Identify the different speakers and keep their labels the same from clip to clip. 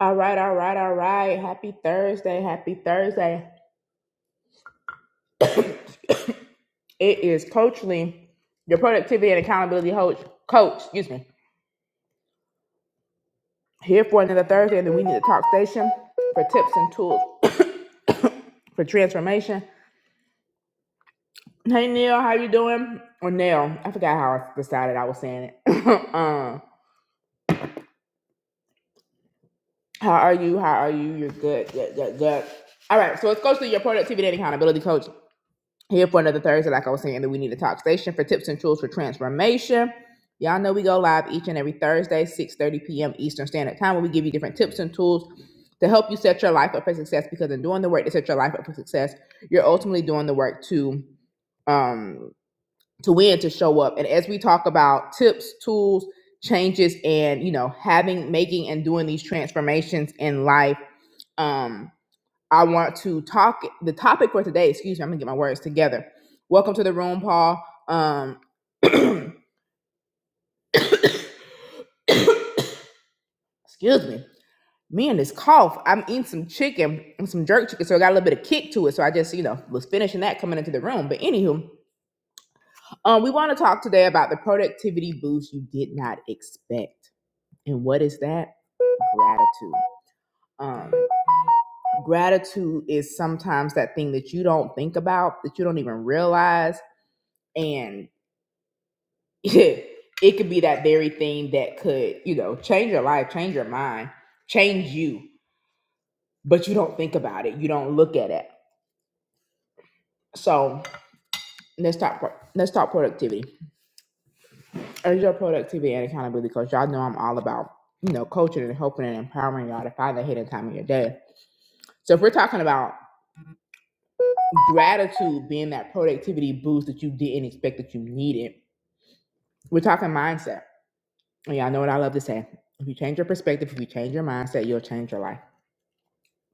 Speaker 1: All right, all right, all right. Happy Thursday. Happy Thursday. It is Coach Lee, your productivity and accountability coach, coach, excuse me, here for another Thursday and then we need to talk station for tips and tools for transformation. Hey Neil, how you doing? Or Neil, I forgot how I decided I was saying it. um, how are you? How are you? You're good, good, good, good. All right, so it's Coach Lee, your productivity and accountability coach. here for another Thursday, like I was saying, that we need a talk station for tips and tools for transformation. Y'all know we go live each and every Thursday, 6:30 p.m. Eastern Standard Time, where we give you different tips and tools to help you set your life up for success. Because in doing the work to set your life up for success, you're ultimately doing the work to um to win, to show up. And as we talk about tips, tools, changes, and you know, having, making, and doing these transformations in life. Um, I want to talk the topic for today. Excuse me, I'm gonna get my words together. Welcome to the room, Paul. Um, excuse me. Me and this cough. I'm eating some chicken and some jerk chicken, so I got a little bit of kick to it. So I just, you know, was finishing that coming into the room. But anywho, um, we want to talk today about the productivity boost you did not expect, and what is that? Gratitude. Um, gratitude is sometimes that thing that you don't think about, that you don't even realize, and it could be that very thing that could, you know, change your life, change your mind, change you, but you don't think about it. You don't look at it. So let's talk. pro- Let's talk productivity. As your productivity and accountability coach, y'all know I'm all about you know coaching and helping and empowering y'all to find the hidden time in your day. So if we're talking about gratitude being that productivity boost that you didn't expect that you needed, we're talking mindset. And y'all know what I love to say: if you change your perspective, if you change your mindset, you'll change your life.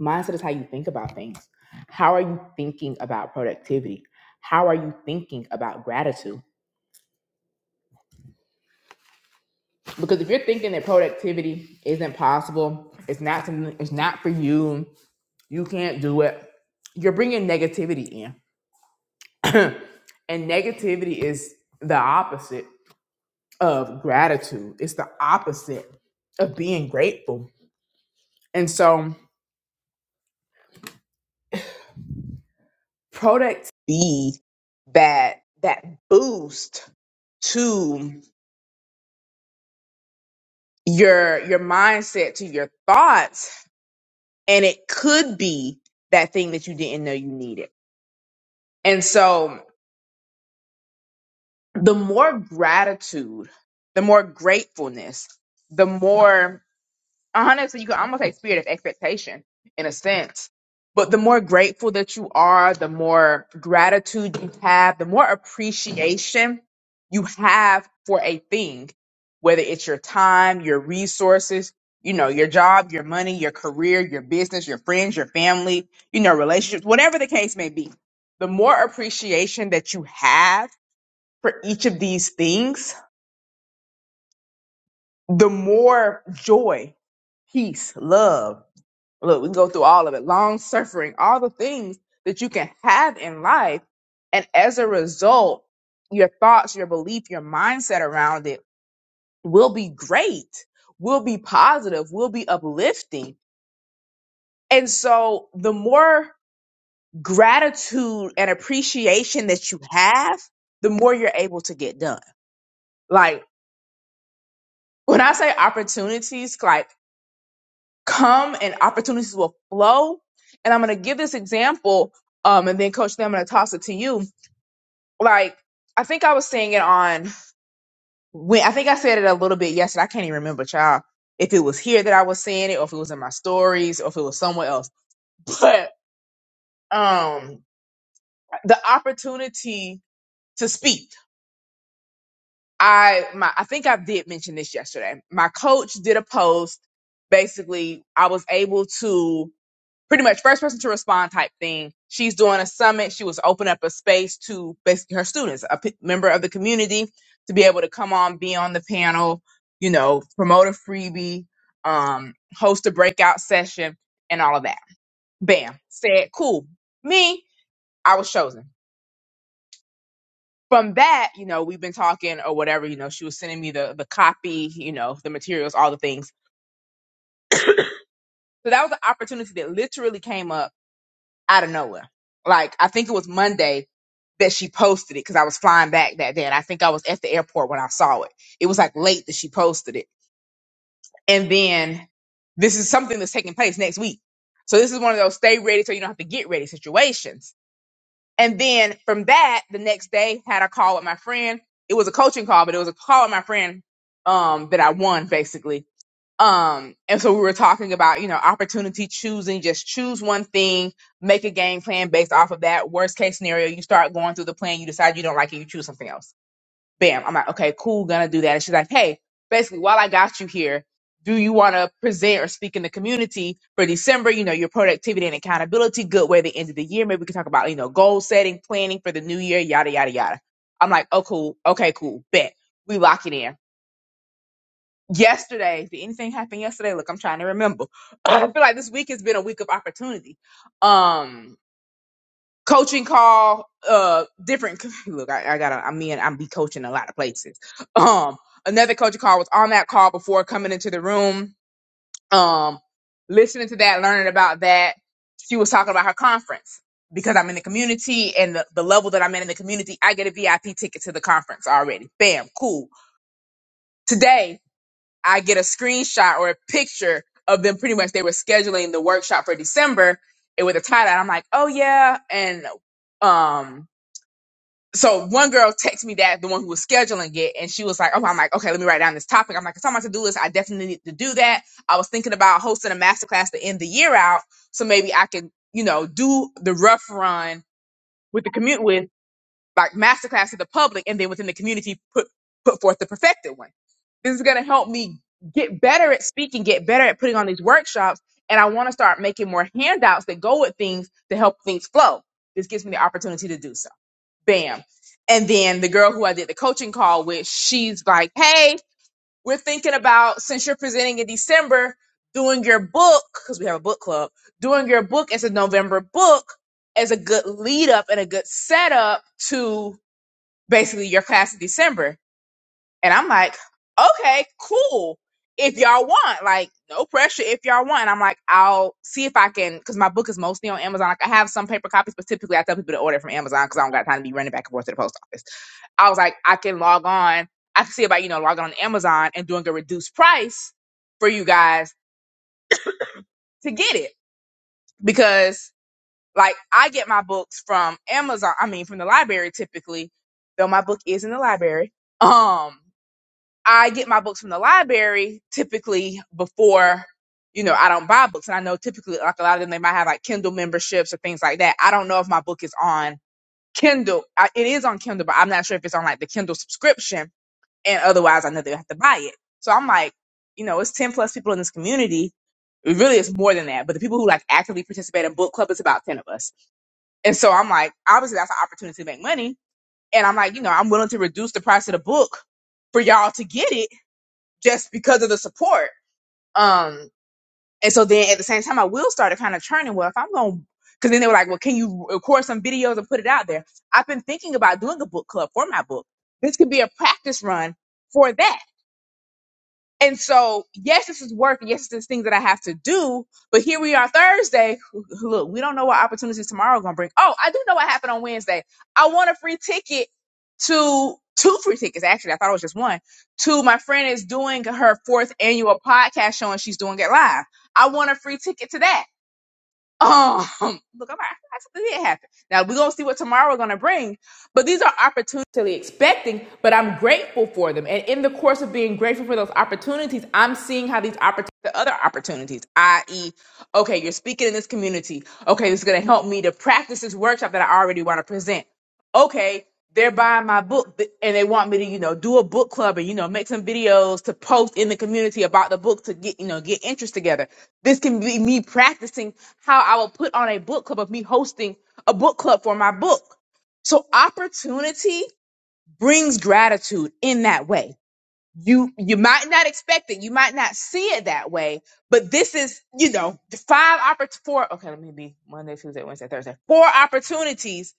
Speaker 1: mindset is how you think about things how are you thinking about productivity how are you thinking about gratitude because if you're thinking that productivity isn't possible it's not something it's not for you you can't do it you're bringing negativity in and negativity is the opposite of gratitude it's the opposite of being grateful and so product Be that that boost to. your your mindset to your thoughts and it could be that thing that you didn't know you needed and so the more gratitude the more gratefulness the more honestly, you could almost say spirit of expectation in a sense. But the more grateful that you are, the more gratitude you have, the more appreciation you have for a thing, whether it's your time, your resources, you know, your job, your money, your career, your business, your friends, your family, you know, relationships, whatever the case may be. The more appreciation that you have for each of these things, the more joy, peace, love, Look, we can go through all of it. Long suffering, all the things that you can have in life. And as a result, your thoughts, your belief, your mindset around it will be great, will be positive, will be uplifting. And so the more gratitude and appreciation that you have, the more you're able to get done. Like when I say opportunities, like come and opportunities will flow. And I'm going to give this example, um, and then Coach, then I'm going to toss it to you. Like, I think I was saying it on when I think I said it a little bit yesterday. I can't even remember, child, if it was here that I was saying it, or if it was in my stories, or if it was somewhere else. But um, the opportunity to speak. I my I think I did mention this yesterday. My coach did a post. Basically, I was able to pretty much first person to respond type thing. She's doing a summit. She was opening up a space to basically her students, a p- member of the community, to be able to come on, be on the panel, you know, promote a freebie, um, host a breakout session, and all of that. Bam, said, cool. Me, I was chosen. From that, you know, we've been talking or whatever. You know, she was sending me the the copy, you know, the materials, all the things. So that was an opportunity that literally came up out of nowhere. Like I think it was Monday that she posted it because I was flying back that day. And I think I was at the airport when I saw it. It was like late that she posted it. And then this is something that's taking place next week. So this is one of those stay ready so you don't have to get ready situations. And then from that, the next day had a call with my friend. It was a coaching call, but it was a call with my friend um, that I won basically um, and so we were talking about, you know, opportunity choosing, just choose one thing, make a game plan based off of that. Worst case scenario, you start going through the plan, you decide you don't like it, you choose something else. Bam. I'm like, okay, cool, gonna do that. And she's like, hey, basically, while I got you here, do you want to present or speak in the community for December? You know, your productivity and accountability, good way to end of the year. Maybe we can talk about, you know, goal setting, planning for the new year, yada, yada, yada. I'm like, oh, cool. Okay, cool. Bet. We lock it in yesterday did anything happen yesterday look i'm trying to remember i feel like this week has been a week of opportunity um coaching call uh different look i, I gotta i mean i'm be coaching a lot of places um another coaching call was on that call before coming into the room um listening to that learning about that she was talking about her conference because i'm in the community and the, the level that i'm in in the community i get a vip ticket to the conference already bam cool today I get a screenshot or a picture of them pretty much they were scheduling the workshop for December and with a tie dye. I'm like, oh yeah. And um so one girl texted me that, the one who was scheduling it, and she was like, Oh, I'm like, okay, let me write down this topic. I'm like, it's on my to-do list. I definitely need to do that. I was thinking about hosting a masterclass to end the year out. So maybe I can, you know, do the rough run with the commute with like masterclass to the public and then within the community put put forth the perfected one. This is going to help me get better at speaking, get better at putting on these workshops, and I want to start making more handouts that go with things to help things flow. This gives me the opportunity to do so. Bam. And then the girl who I did the coaching call with, she's like, "Hey, we're thinking about since you're presenting in December, doing your book because we have a book club, doing your book as a November book as a good lead up and a good setup basically your class in December. And I'm like, okay, cool. If y'all want, like, no pressure. If y'all want, And I'm like, I'll see if I can, because my book is mostly on Amazon. Like, I have some paper copies, but typically I tell people to order from Amazon because I don't got time to be running back and forth to the post office. I was like, I can log on. I can see about, you know, logging on to Amazon and doing a reduced price for you guys to get it because, like, I get my books from Amazon. I mean, from the library typically, though my book is in the library. Um, I get my books from the library typically before, you know, I don't buy books. And I know typically like a lot of them, they might have like Kindle memberships or things like that. I don't know if my book is on Kindle. I, it is on Kindle, but I'm not sure if it's on like the Kindle subscription. And otherwise I know they have to buy it. So I'm like, you know, it's 10 plus people in this community. It really is more than that. But the people who like actively participate in book club is about 10 of us. And so I'm like, obviously that's an opportunity to make money. And I'm like, you know, I'm willing to reduce the price of the book for y'all to get it just because of the support. Um, and so then at the same time, I will start to kind of churning. Well, if I'm going, because then they were like, well, can you record some videos and put it out there? I've been thinking about doing a book club for my book. This could be a practice run for that and so, yes, this is work. and Yes, there's things that I have to do. But here we are Thursday. Look, we don't know what opportunities tomorrow are going to bring. Oh, I do know what happened on Wednesday. I won a free ticket to two free tickets. Actually, I thought it was just one to my friend is doing her fourth annual podcast show and she's doing it live. I won a free ticket to that. Um, look, I'm, I, I something did happen. Now we're gonna see what tomorrow is gonna bring, but these are opportunities I'm expecting, but I'm grateful for them. And in the course of being grateful for those opportunities, I'm seeing how these opportunities, the other opportunities, i.e., okay, you're speaking in this community. Okay, this is gonna help me to practice this workshop that I already want to present okay, they're buying my book th- and they want me to, you know, do a book club and, you know, make some videos to post in the community about the book to get, you know, get interest together. This can be me practicing how I will put on a book club of me hosting a book club for my book. So opportunity brings gratitude in that way you you might not expect it you might not see it that way but this is you know the five oppor- four okay let me be monday tuesday wednesday thursday four opportunities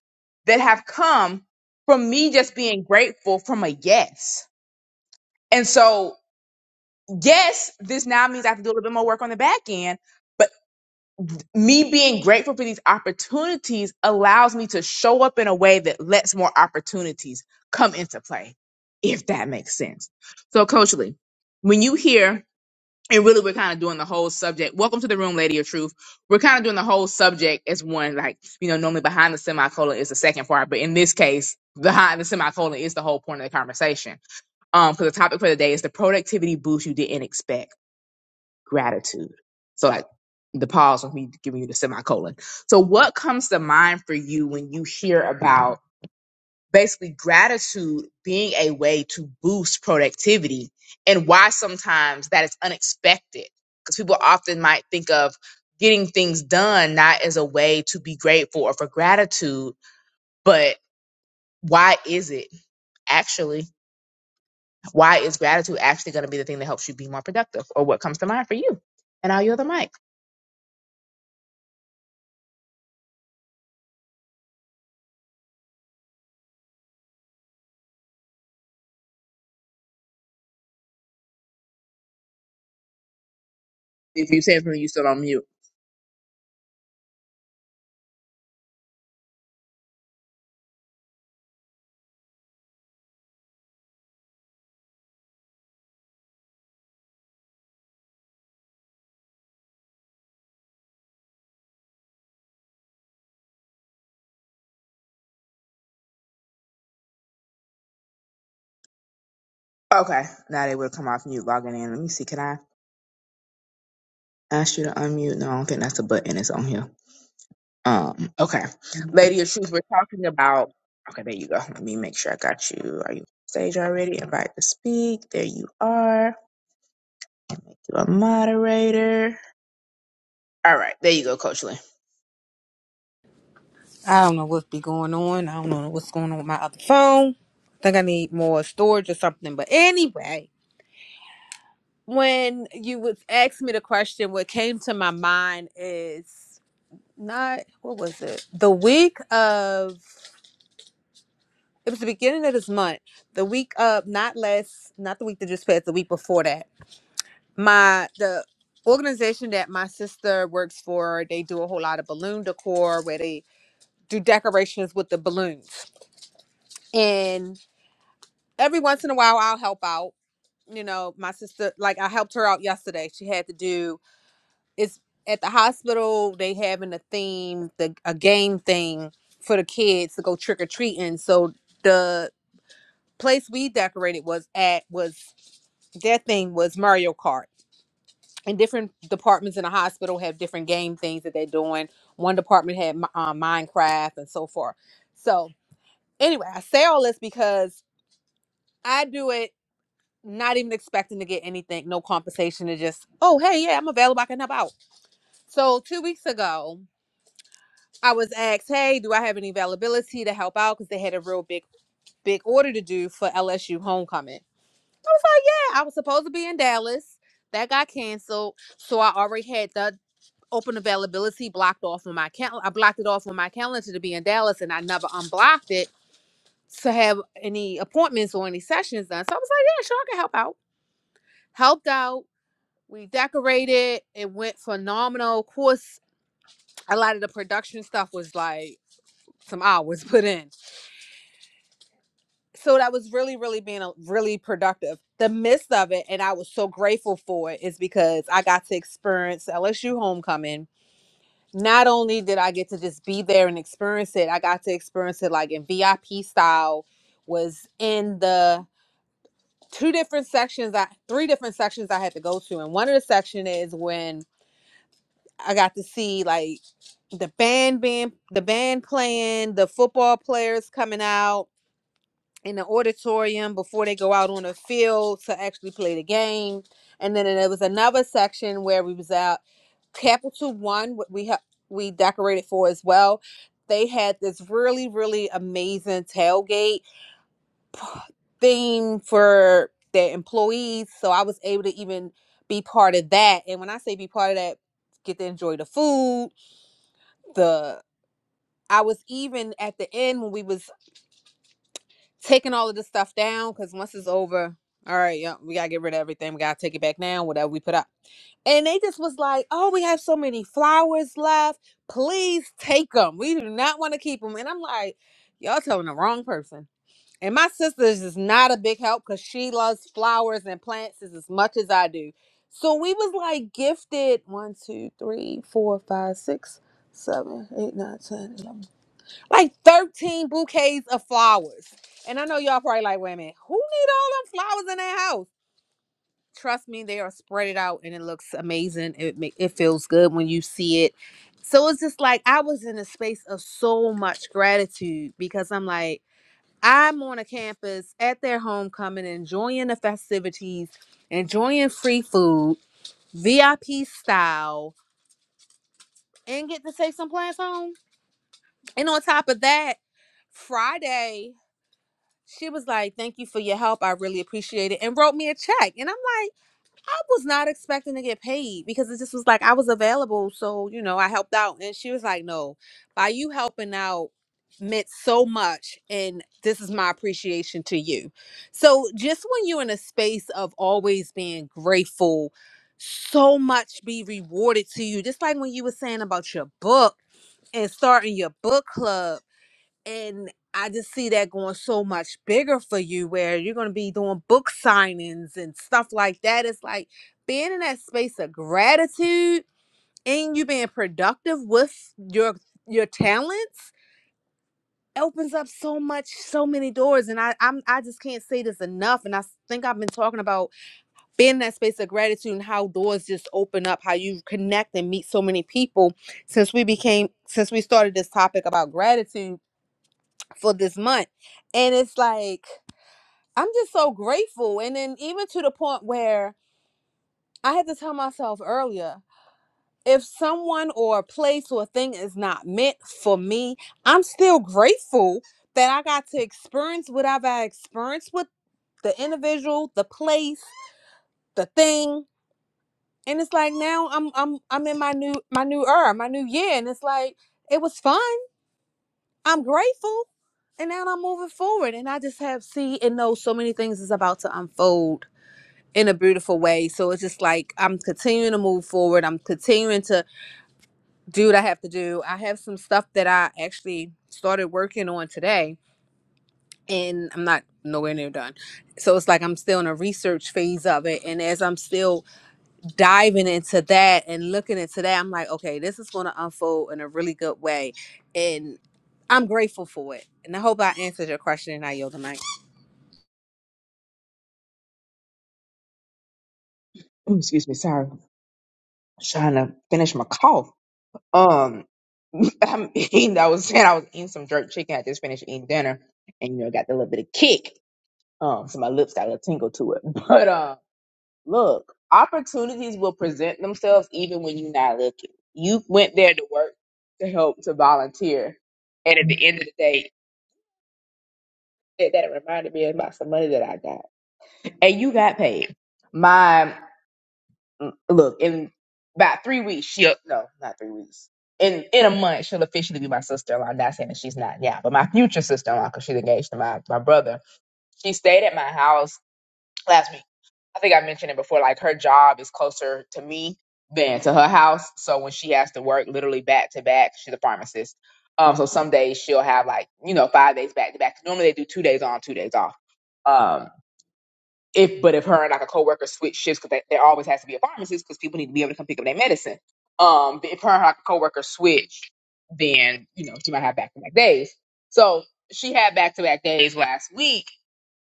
Speaker 1: that have come from me just being grateful from a yes and so yes this now means i have to do a little bit more work on the back end but me being grateful for these opportunities allows me to show up in a way that lets more opportunities come into play if that makes sense so coach lee when you hear and really we're kind of doing the whole subject welcome to the room lady of truth we're kind of doing the whole subject as one like you know normally behind the semicolon is the second part but in this case behind the semicolon is the whole point of the conversation um because the topic for the day is the productivity boost you didn't expect gratitude so like the pause when we giving you the semicolon so what comes to mind for you when you hear about basically gratitude being a way to boost productivity and why sometimes that is unexpected because people often might think of getting things done not as a way to be grateful or for gratitude but why is it actually why is gratitude actually going to be the thing that helps you be more productive or what comes to mind for you and i'll yield the mic if you said something you still on mute okay now they would come off mute logging in let me see can i ask you to unmute no i don't think that's a button it's on here Um, okay. Lady of Truth, we're talking about okay, there you go. Let me make sure I got you. Are you on stage already? Invite to speak. There you are. You're a moderator. All right, there you go, Coach Lynn.
Speaker 2: I don't know what's be going on. I don't know what's going on with my other phone. I think I need more storage or something. But anyway, when you was asked me the question, what came to my mind is not what was it? The week of it was the beginning of this month. The week of not less, not the week that just passed, the week before that. My the organization that my sister works for, they do a whole lot of balloon decor where they do decorations with the balloons. and. every once in a while I'll help out. You know, my sister like I helped her out yesterday. She had to do it's at the hospital they having a theme, the a game thing for the kids to go trick or treating. So the place we decorated was at was their thing was Mario Kart. And different departments in the hospital have different game things that they're doing. One department had Mi- uh, Minecraft and so forth. So anyway, I say all this because I do it not even expecting to get anything, no compensation to just, oh, hey, yeah, I'm available. I can help out. So, two weeks ago, I was asked, hey, do I have any availability to help out? Because they had a real big, big order to do for LSU homecoming. I was like, yeah, I was supposed to be in Dallas. That got canceled. So, I already had the open availability blocked off on my calendar. I blocked it off on my calendar to be in Dallas and I never unblocked it to have any appointments or any sessions done. So, I was like, yeah, sure, I can help out. Helped out we decorated. It went phenomenal. Of course, a lot of the production stuff was like some hours put in. So that was really, really being a, really productive. The midst of it, and I was so grateful for it, is because I got to experience LSU homecoming. Not only did I get to just be there and experience it, I got to experience it like in VIP style, was in the two different sections, I, three different sections I had to go to. And one of the section is when I got to see like the band being the band playing, the football players coming out in the auditorium before they go out on the field to actually play the game. And then there was another section where we was out Capital One, what we have we decorated for as well. They had this really, really amazing tailgate theme for their employees. So I was able to even be part of that. And when I say be part of that, get to enjoy the food, the I was even at the end when we was taking all of this stuff down because once it's over, all right, yeah, we gotta get rid of everything. We gotta take it back now, whatever we put up. And they just was like, "Oh, we have so many flowers left. Please take them. We do not want to keep them." And I'm like, "Y'all telling the wrong person." And my sister is just not a big help because she loves flowers and plants just as much as I do. So we was like gifted one, two, three, four, five, six, seven, eight, nine, ten, eleven like 13 bouquets of flowers. And I know y'all probably like, wait a minute, who need all them flowers in their house? Trust me, they are spread it out and it looks amazing. It ma- it feels good when you see it. So it's just like I was in a space of so much gratitude because I'm like, I'm on a campus at their homecoming, enjoying the festivities, enjoying free food, VIP style, and get to take some plants home. And on top of that, Friday. she was like, Thank you for your help. I really appreciate it. And wrote me a check. And I'm like, I was not expecting to get paid because it just was like I was available. So, you know, I helped out. And she was like, No, by you helping out meant so much. And this is my appreciation to you. So, just when you're in a space of always being grateful, so much be rewarded to you. Just like when you were saying about your book and starting your book club and I just see that going so much bigger for you where you're going to be doing book signings and stuff like that. It's like being in that space of gratitude and you being productive with your your talents opens up so much so many doors and I I'm, I just can't say this enough and I s- think I've been talking about being in that space of gratitude and how doors just open up how you connect and meet so many people since we became since we started this topic about gratitude for this month. And it's like, I'm just so grateful. And then, even to the point where I had to tell myself earlier if someone or a place or a thing is not meant for me, I'm still grateful that I got to experience what I've had experienced with the individual, the place, the thing. And it's like now I'm I'm I'm in my new my new era, my new year, and it's like it was fun. I'm grateful. And now I'm moving forward. And I just have see and know so many things is about to unfold in a beautiful way. So it's just like I'm continuing to move forward. I'm continuing to do what I have to do. I have some stuff that I actually started working on today and I'm not nowhere near done. So it's like I'm still in a research phase of it. And as I'm still diving into that and looking into that, I'm like, okay, this is going to unfold in a really good way. And I'm grateful for it. And I hope I answered your question and I yield the mic.
Speaker 1: Ooh, excuse me, sorry. I was trying to finish my cough. Um I'm eating, I was saying I was eating some jerk chicken. I just finished eating dinner and you know got the little bit of kick. Um, so my lips got a little tingle to it. But um, Look, opportunities will present themselves even when you're not looking. You went there to work, to help, to volunteer. And at the end of the day, that, that reminded me about some money that I got. And you got paid. My, mm, look, in about three weeks, she'll, no, not three weeks. In, in a month, she'll officially be my sister-in-law. I'm Not saying that she's not now, but my future sister-in-law, because she's engaged to my, my brother. She stayed at my house last week I think I mentioned it before, like her job is closer to me than to her house. So when she has to work literally back to back, she's a pharmacist. Um, so some days she'll have like, you know, five days back to back. Normally they do two days on, two days off. Um, if but if her and like a coworker switch shifts, because there always has to be a pharmacist because people need to be able to come pick up their medicine. Um, but if her and like a coworker switch, then you know she might have back to back days. So she had back to back days last week,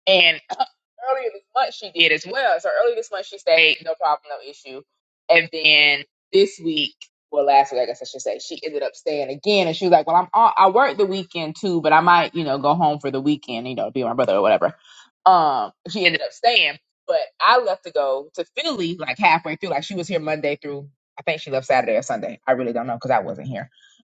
Speaker 1: and uh, earlier this month she did as well. So earlier this month she stayed, no problem, no issue. And then this week, well, last week I guess I should say, she ended up staying again. And she was like, "Well, I'm on, I work the weekend too, but I might, you know, go home for the weekend, you know, be with my brother or whatever." Um, she ended up staying, but I left to go to Philly like halfway through. Like she was here Monday through. I think she left Saturday or Sunday. I really don't know because I wasn't here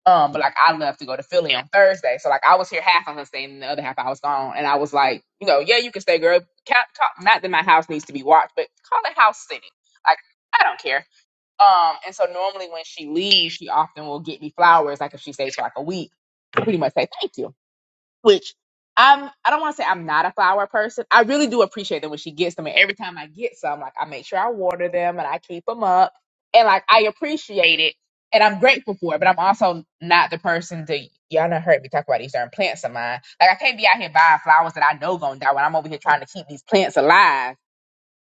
Speaker 1: um, but like I left to go to Philly on Thursday, so like I was here half on Thursday and the other half I was gone. And I was like, you know, yeah, you can stay, girl. Ca- ca- not that my house needs to be watched, but call it house sitting. Like I don't care. Um, and so normally when she leaves, she often will get me flowers. Like if she stays for like a week, I pretty much say thank you which I'm I don't want to say I'm not a flower person. I really do appreciate them when she gets them, and every time I get some, like I make sure I water them and I keep them up, and like I appreciate it and I'm grateful for it. But I'm also not the person to y'all not heard me talk about these darn plants of mine. Like I can't be out here buying flowers that I know gonna die when I'm over here trying to keep these plants alive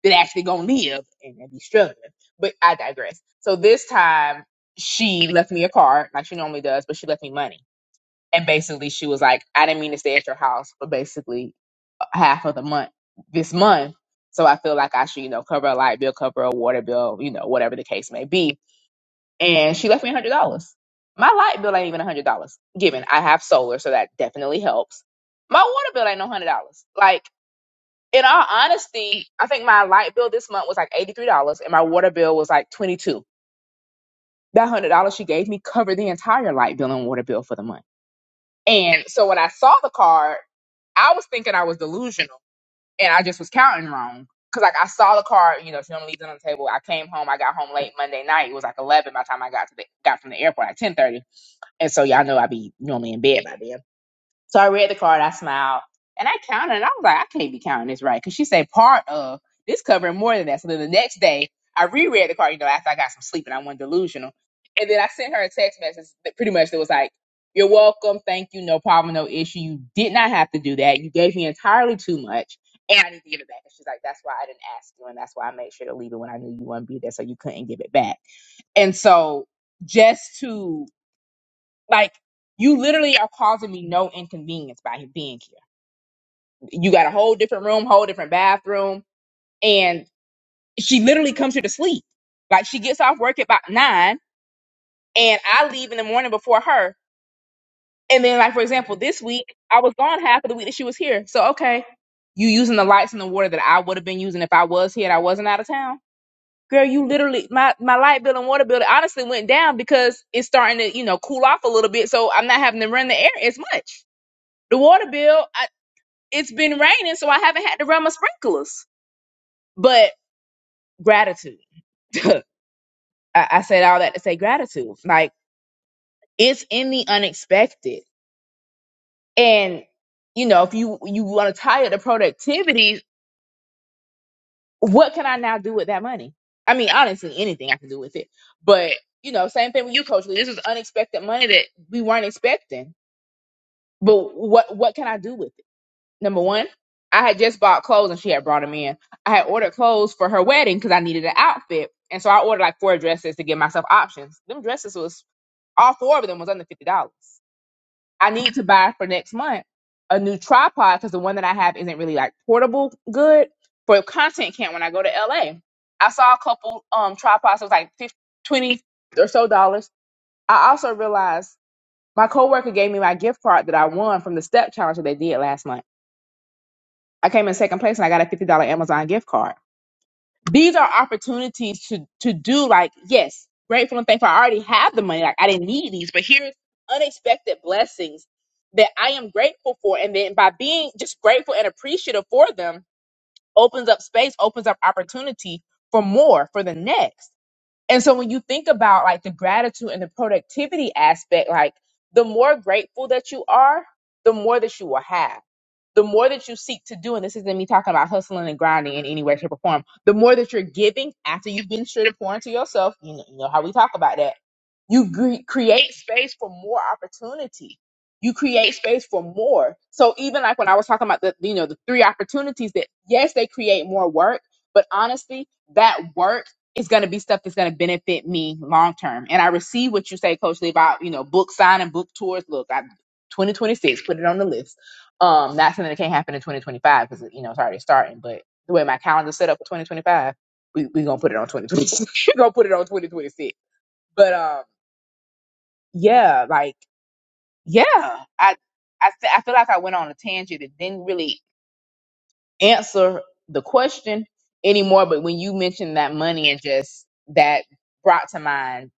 Speaker 1: that actually gonna live and, and be struggling. But I digress. So this time she left me a card like she normally does, but she left me money and basically she was like, I didn't mean to stay at your house for basically half of the month this month. So I feel like I should, you know, cover a light bill, cover a water bill, you know, whatever the case may be. And she left me a hundred dollars. My light bill ain't even a hundred dollars. Given I have solar, so that definitely helps. My water bill ain't no hundred dollars. Like in all honesty, I think my light bill this month was like eighty three dollars, and my water bill was like twenty two. That hundred dollars she gave me covered the entire light bill and water bill for the month. And so when I saw the card, I was thinking I was delusional and I just was counting wrong. Cause like I saw the card, you know, she normally leaves it on the table. I came home, I got home late Monday night. It was like eleven by the time I got to the got from the airport at ten thirty. And so y'all know I be normally in bed by then. So I read the card, I smiled, and I counted, and I was like, I can't be counting this right. Because she said part of this covering more than that. So then the next day, I reread the card, you know, after I got some sleep and I wasn't delusional. And then I sent her a text message that pretty much that was like, You're welcome, thank you, no problem, no issue. You did not have to do that. You gave me entirely too much. And I need to give it back. And she's like, That's why I didn't ask you, and that's why I made sure to leave it when I knew you wouldn't be there, so you couldn't give it back. And so just to like you literally are causing me no inconvenience by being here. You got a whole different room, whole different bathroom, and she literally comes here to sleep. Like she gets off work at about nine, and I leave in the morning before her. And then, like for example, this week I was gone half of the week that she was here. So okay, you using the lights and the water that I would have been using if I was here and I wasn't out of town. Girl, you literally my my light bill and water bill honestly went down because it's starting to you know cool off a little bit, so I'm not having to run the air as much the water bill. it's been raining, so I haven't had to run my sprinklers. But gratitude. I, I said all that to say gratitude. Like it's in the unexpected. And you know, if you you want to tie it to productivity, what can I now do with that money? I mean, honestly, anything I can do with it. But you know, same thing with you, Coach Lee. This is unexpected money that we weren't expecting. But what what can I do with it? number one, I had just bought clothes and she had brought them in. I had ordered clothes for her wedding because I needed an outfit. And so I ordered like four dresses to give myself options. Them dresses was all four of them was under fifty dollars. I need to buy for next month a new tripod because the one that I have isn't really like portable good for content camp when I go to LA. I saw a couple um tripods, it was like 50, 20 or so dollars. I also realized my coworker gave me my gift card that I won from the step challenge that they did last month. I came in second place and I got a fifty dollar Amazon gift card. These are opportunities to to do like yes, grateful and thankful. I already have the money, like I didn't need these, but here's unexpected blessings that I am grateful for, and then by being just grateful and appreciative for them opens up space, opens up opportunity for more for the next. And so when you think about like the gratitude and the productivity aspect, like the more grateful that you are, the more that you will have. The more that you seek to do, and this isn't me talking about hustling and grinding in any way, shape, or form, the more that you're giving after you've been straight and pouring to yourself, you know, you know how we talk about that you gre- create space for more opportunity. You create space for more. So even like when I was talking about the, you know, the three opportunities that yes, they create more work, but honestly, that work is going to be stuff that's going to benefit me long term. And I receive what you say, Coach Lee, about you know, book signing, book tours. Look, I 2026, put it on the list. Um, not something that can't happen in 2025 because you know it's already starting. But the way my calendar's set up for 2025, we we gonna put it on 2026. we gonna put it on 2026. But um yeah, like yeah, I I fe- I feel like I went on a tangent that didn't really answer the question anymore. But when you mentioned that money and just that brought to mind,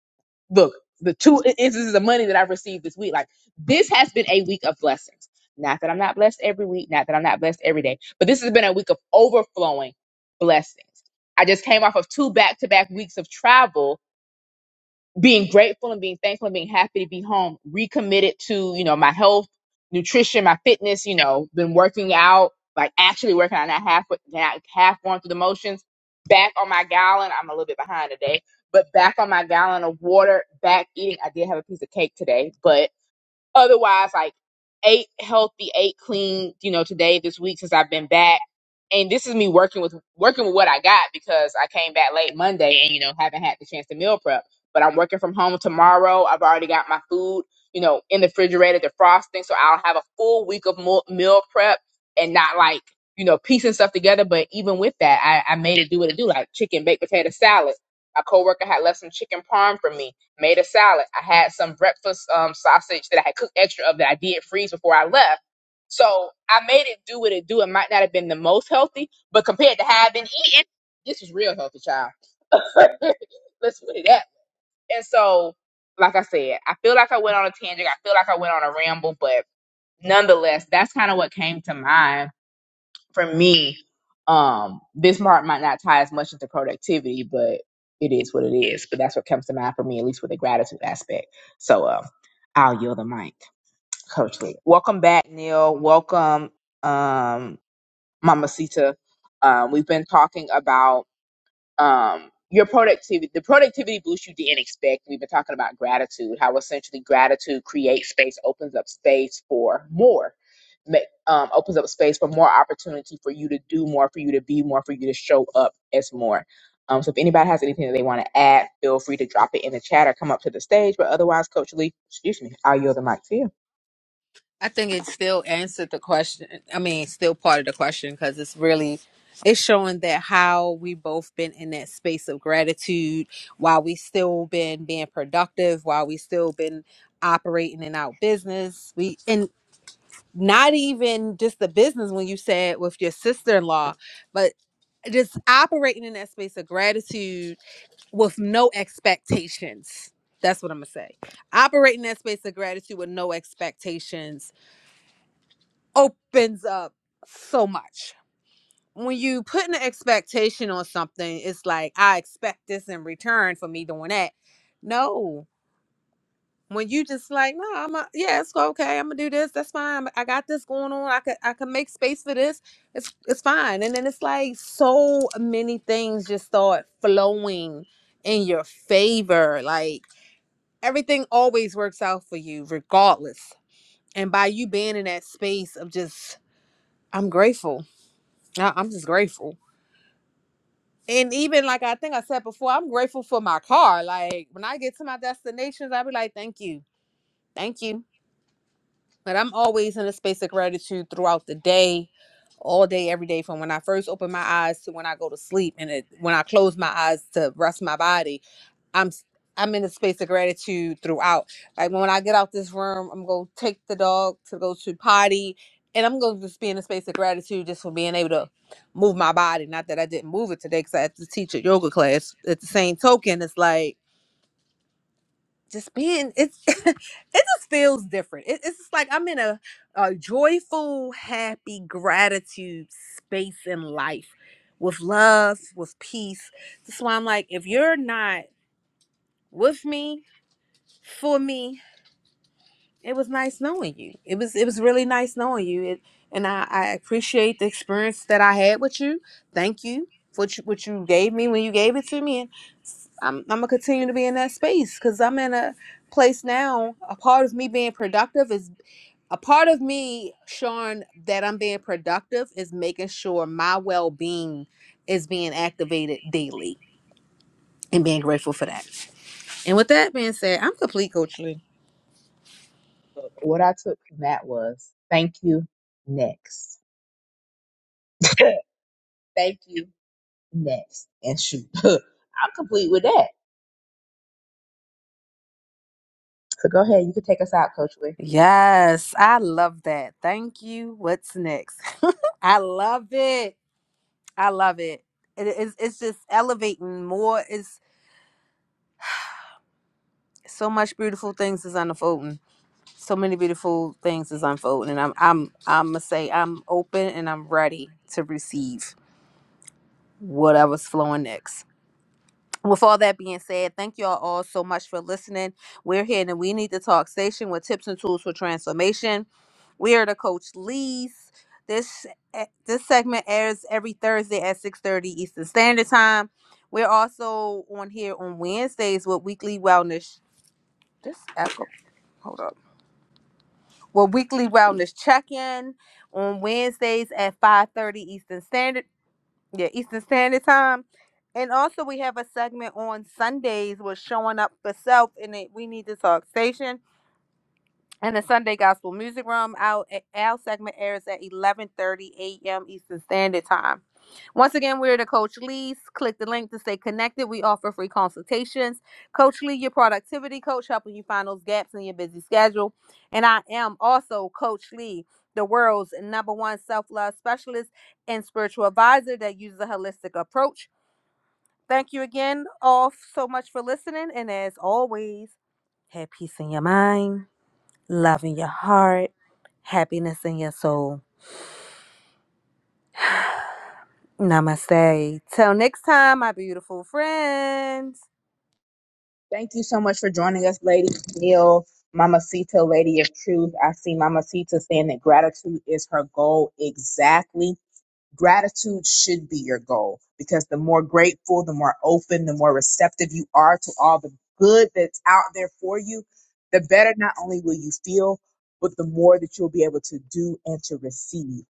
Speaker 1: look, the two i- instances of money that I've received this week, like this has been a week of blessings. Not that I'm not blessed every week, not that I'm not blessed every day, but this has been a week of overflowing blessings. I just came off of two back to back weeks of travel being grateful and being thankful and being happy to be home, recommitted to, you know, my health, nutrition, my fitness, you know, been working out, like actually working out, not half, not half going through the motions, back on my gallon. I'm a little bit behind today, but back on my gallon of water, back eating. I did have a piece of cake today, but otherwise like eight healthy eight clean you know today this week since i've been back and this is me working with working with what i got because i came back late monday and you know haven't had the chance to meal prep but i'm working from home tomorrow i've already got my food you know in the refrigerator defrosting so i'll have a full week of mo- meal prep and not like you know piecing stuff together but even with that i, I made it do what it do like chicken baked potato salad my coworker had left some chicken parm for me made a salad. I had some breakfast um, sausage that I had cooked extra of that I did freeze before I left. So I made it do what it do. It might not have been the most healthy, but compared to how I've been eating, this was real healthy, child. Let's put it that. way. And so, like I said, I feel like I went on a tangent. I feel like I went on a ramble, but nonetheless, that's kind of what came to mind for me, um, this part might not tie as much into productivity, but it is what it is. But that's what comes to mind for me, at least with the gratitude aspect. So um, I'll yield the mic, Coach Lee. Welcome back, Neil. Welcome, um, Mama Sita. Um, we've been talking about um, your productivity, the productivity boost you didn't expect. We've been talking about gratitude, how essentially gratitude creates space, opens up space for more, ma- um, opens up space for more opportunity for you to do more, for you to be more, for you to show up as more. Um, so if anybody has anything that they want to add, feel free to drop it in the chat or come up to the stage. But otherwise, Coach Lee, excuse me, I'll yield the mic to you.
Speaker 2: I think it still answered the question. I mean, it's still part of the question because it's really, it's showing that how we both been in that space of gratitude while we still been being productive, while we still been operating in our business. We, and. not even just the business when you said with your sister-in-law but just operating in that space of gratitude with no expectations that's what i'm gonna say operating in that space of gratitude with no expectations opens up so much when you put an expectation on something it's like i expect this in return for me doing that no when you just like, no, I'm a, yeah, it's go- okay. I'm gonna do this. That's fine. I got this going on. I could I could make space for this. It's it's fine. And then it's like so many things just start flowing in your favor. Like everything always works out for you, regardless. And by you being in that space of just, I'm grateful. I- I'm just grateful. And even like I think I said before, I'm grateful for my car. Like when I get to my destinations, I'll be like, thank you. Thank you But I'm always in a space of gratitude throughout the day, all day, every day, from when I first open my eyes to when I go to sleep, and it, when I close my eyes to rest my body, I'm s- I'm in a space of gratitude throughout. Like when I get out this room, I'm gonna take the dog to go to potty, and I'm gonna just be in a space of gratitude just for being able to move my body. Not that I didn't move it today, because I had to teach a yoga class. At the same token, it's like just being it's it just feels different. It, it's just like I'm in a, a joyful, happy gratitude space in life with love, with peace. That's why I'm like, if you're not with me, for me, it was nice knowing you. It was it was really nice knowing you. It, and I, I appreciate the experience that I had with you. Thank you for what you, what you gave me when you gave it to me. And I'm I'm gonna continue to be in that space because I'm in a place now. A part of me being productive is a part of me showing that I'm being productive is making sure my well being is being activated daily and being grateful for that. And with that being said, I'm complete, Coach Lee.
Speaker 1: But What I took from that was thank you next. thank you next. And shoot, I'm complete with that. So go ahead, you can take us out, Coach Lee.
Speaker 2: Yes, I love that. Thank you. What's next? I love it. I love it. it's, it's just elevating more. It's so much beautiful things is unfolding. So many beautiful things is unfolding. And I'm I'm I'm gonna say I'm open and I'm ready to receive whatever's flowing next. with all that being said, thank you all, all so much for listening. We're here in the We Need to Talk station with tips and tools for transformation. We are the Coach Lee's. This eh, this segment airs every Thursday at 6:30 Eastern Standard Time. We're also on here on Wednesdays with weekly wellness. This echo. Hold up. Well, weekly wellness check-in on Wednesdays at 5:30 Eastern Standard. Yeah, Eastern Standard Time. And also, we have a segment on Sundays with showing up for self, and it, we need to talk station. And the Sunday Gospel Music Room, our, our segment airs at 11.30 a.m. Eastern Standard Time. Once again, we're the Coach Lee's. Click the link to stay connected. We offer free consultations. Coach Lee, your productivity coach, helping you find those gaps in your busy schedule. And I am also Coach Lee, the world's number one self-love specialist and spiritual advisor that uses a holistic approach. Thank you again all so much for listening. And as always, have peace in your mind love in your heart, happiness in your soul. Namaste. Till next time, my beautiful friends.
Speaker 1: Thank you so much for joining us, Lady Neil, Mamacita, Lady of Truth. I see Mamacita saying that gratitude is her goal. Exactly. Gratitude should be your goal because the more grateful, the more open, the more receptive you are to all the good that's out there for you, the better not only will you feel, but the more that you'll be able to do and to receive.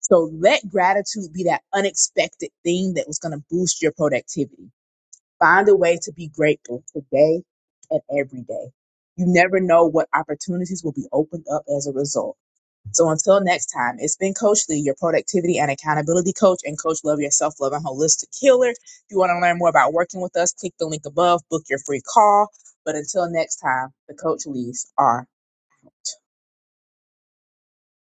Speaker 1: So let gratitude be that unexpected thing that was going to boost your productivity Find a way to be grateful today and every day. You never know what opportunities will be opened up as a result. So until next time, it's been Coach Lee, your productivity and accountability coach and Coach Love, your self love and holistic healer. If you want to learn more about working with us, click the link above, book your free call. But until next time, the Coach Lees are.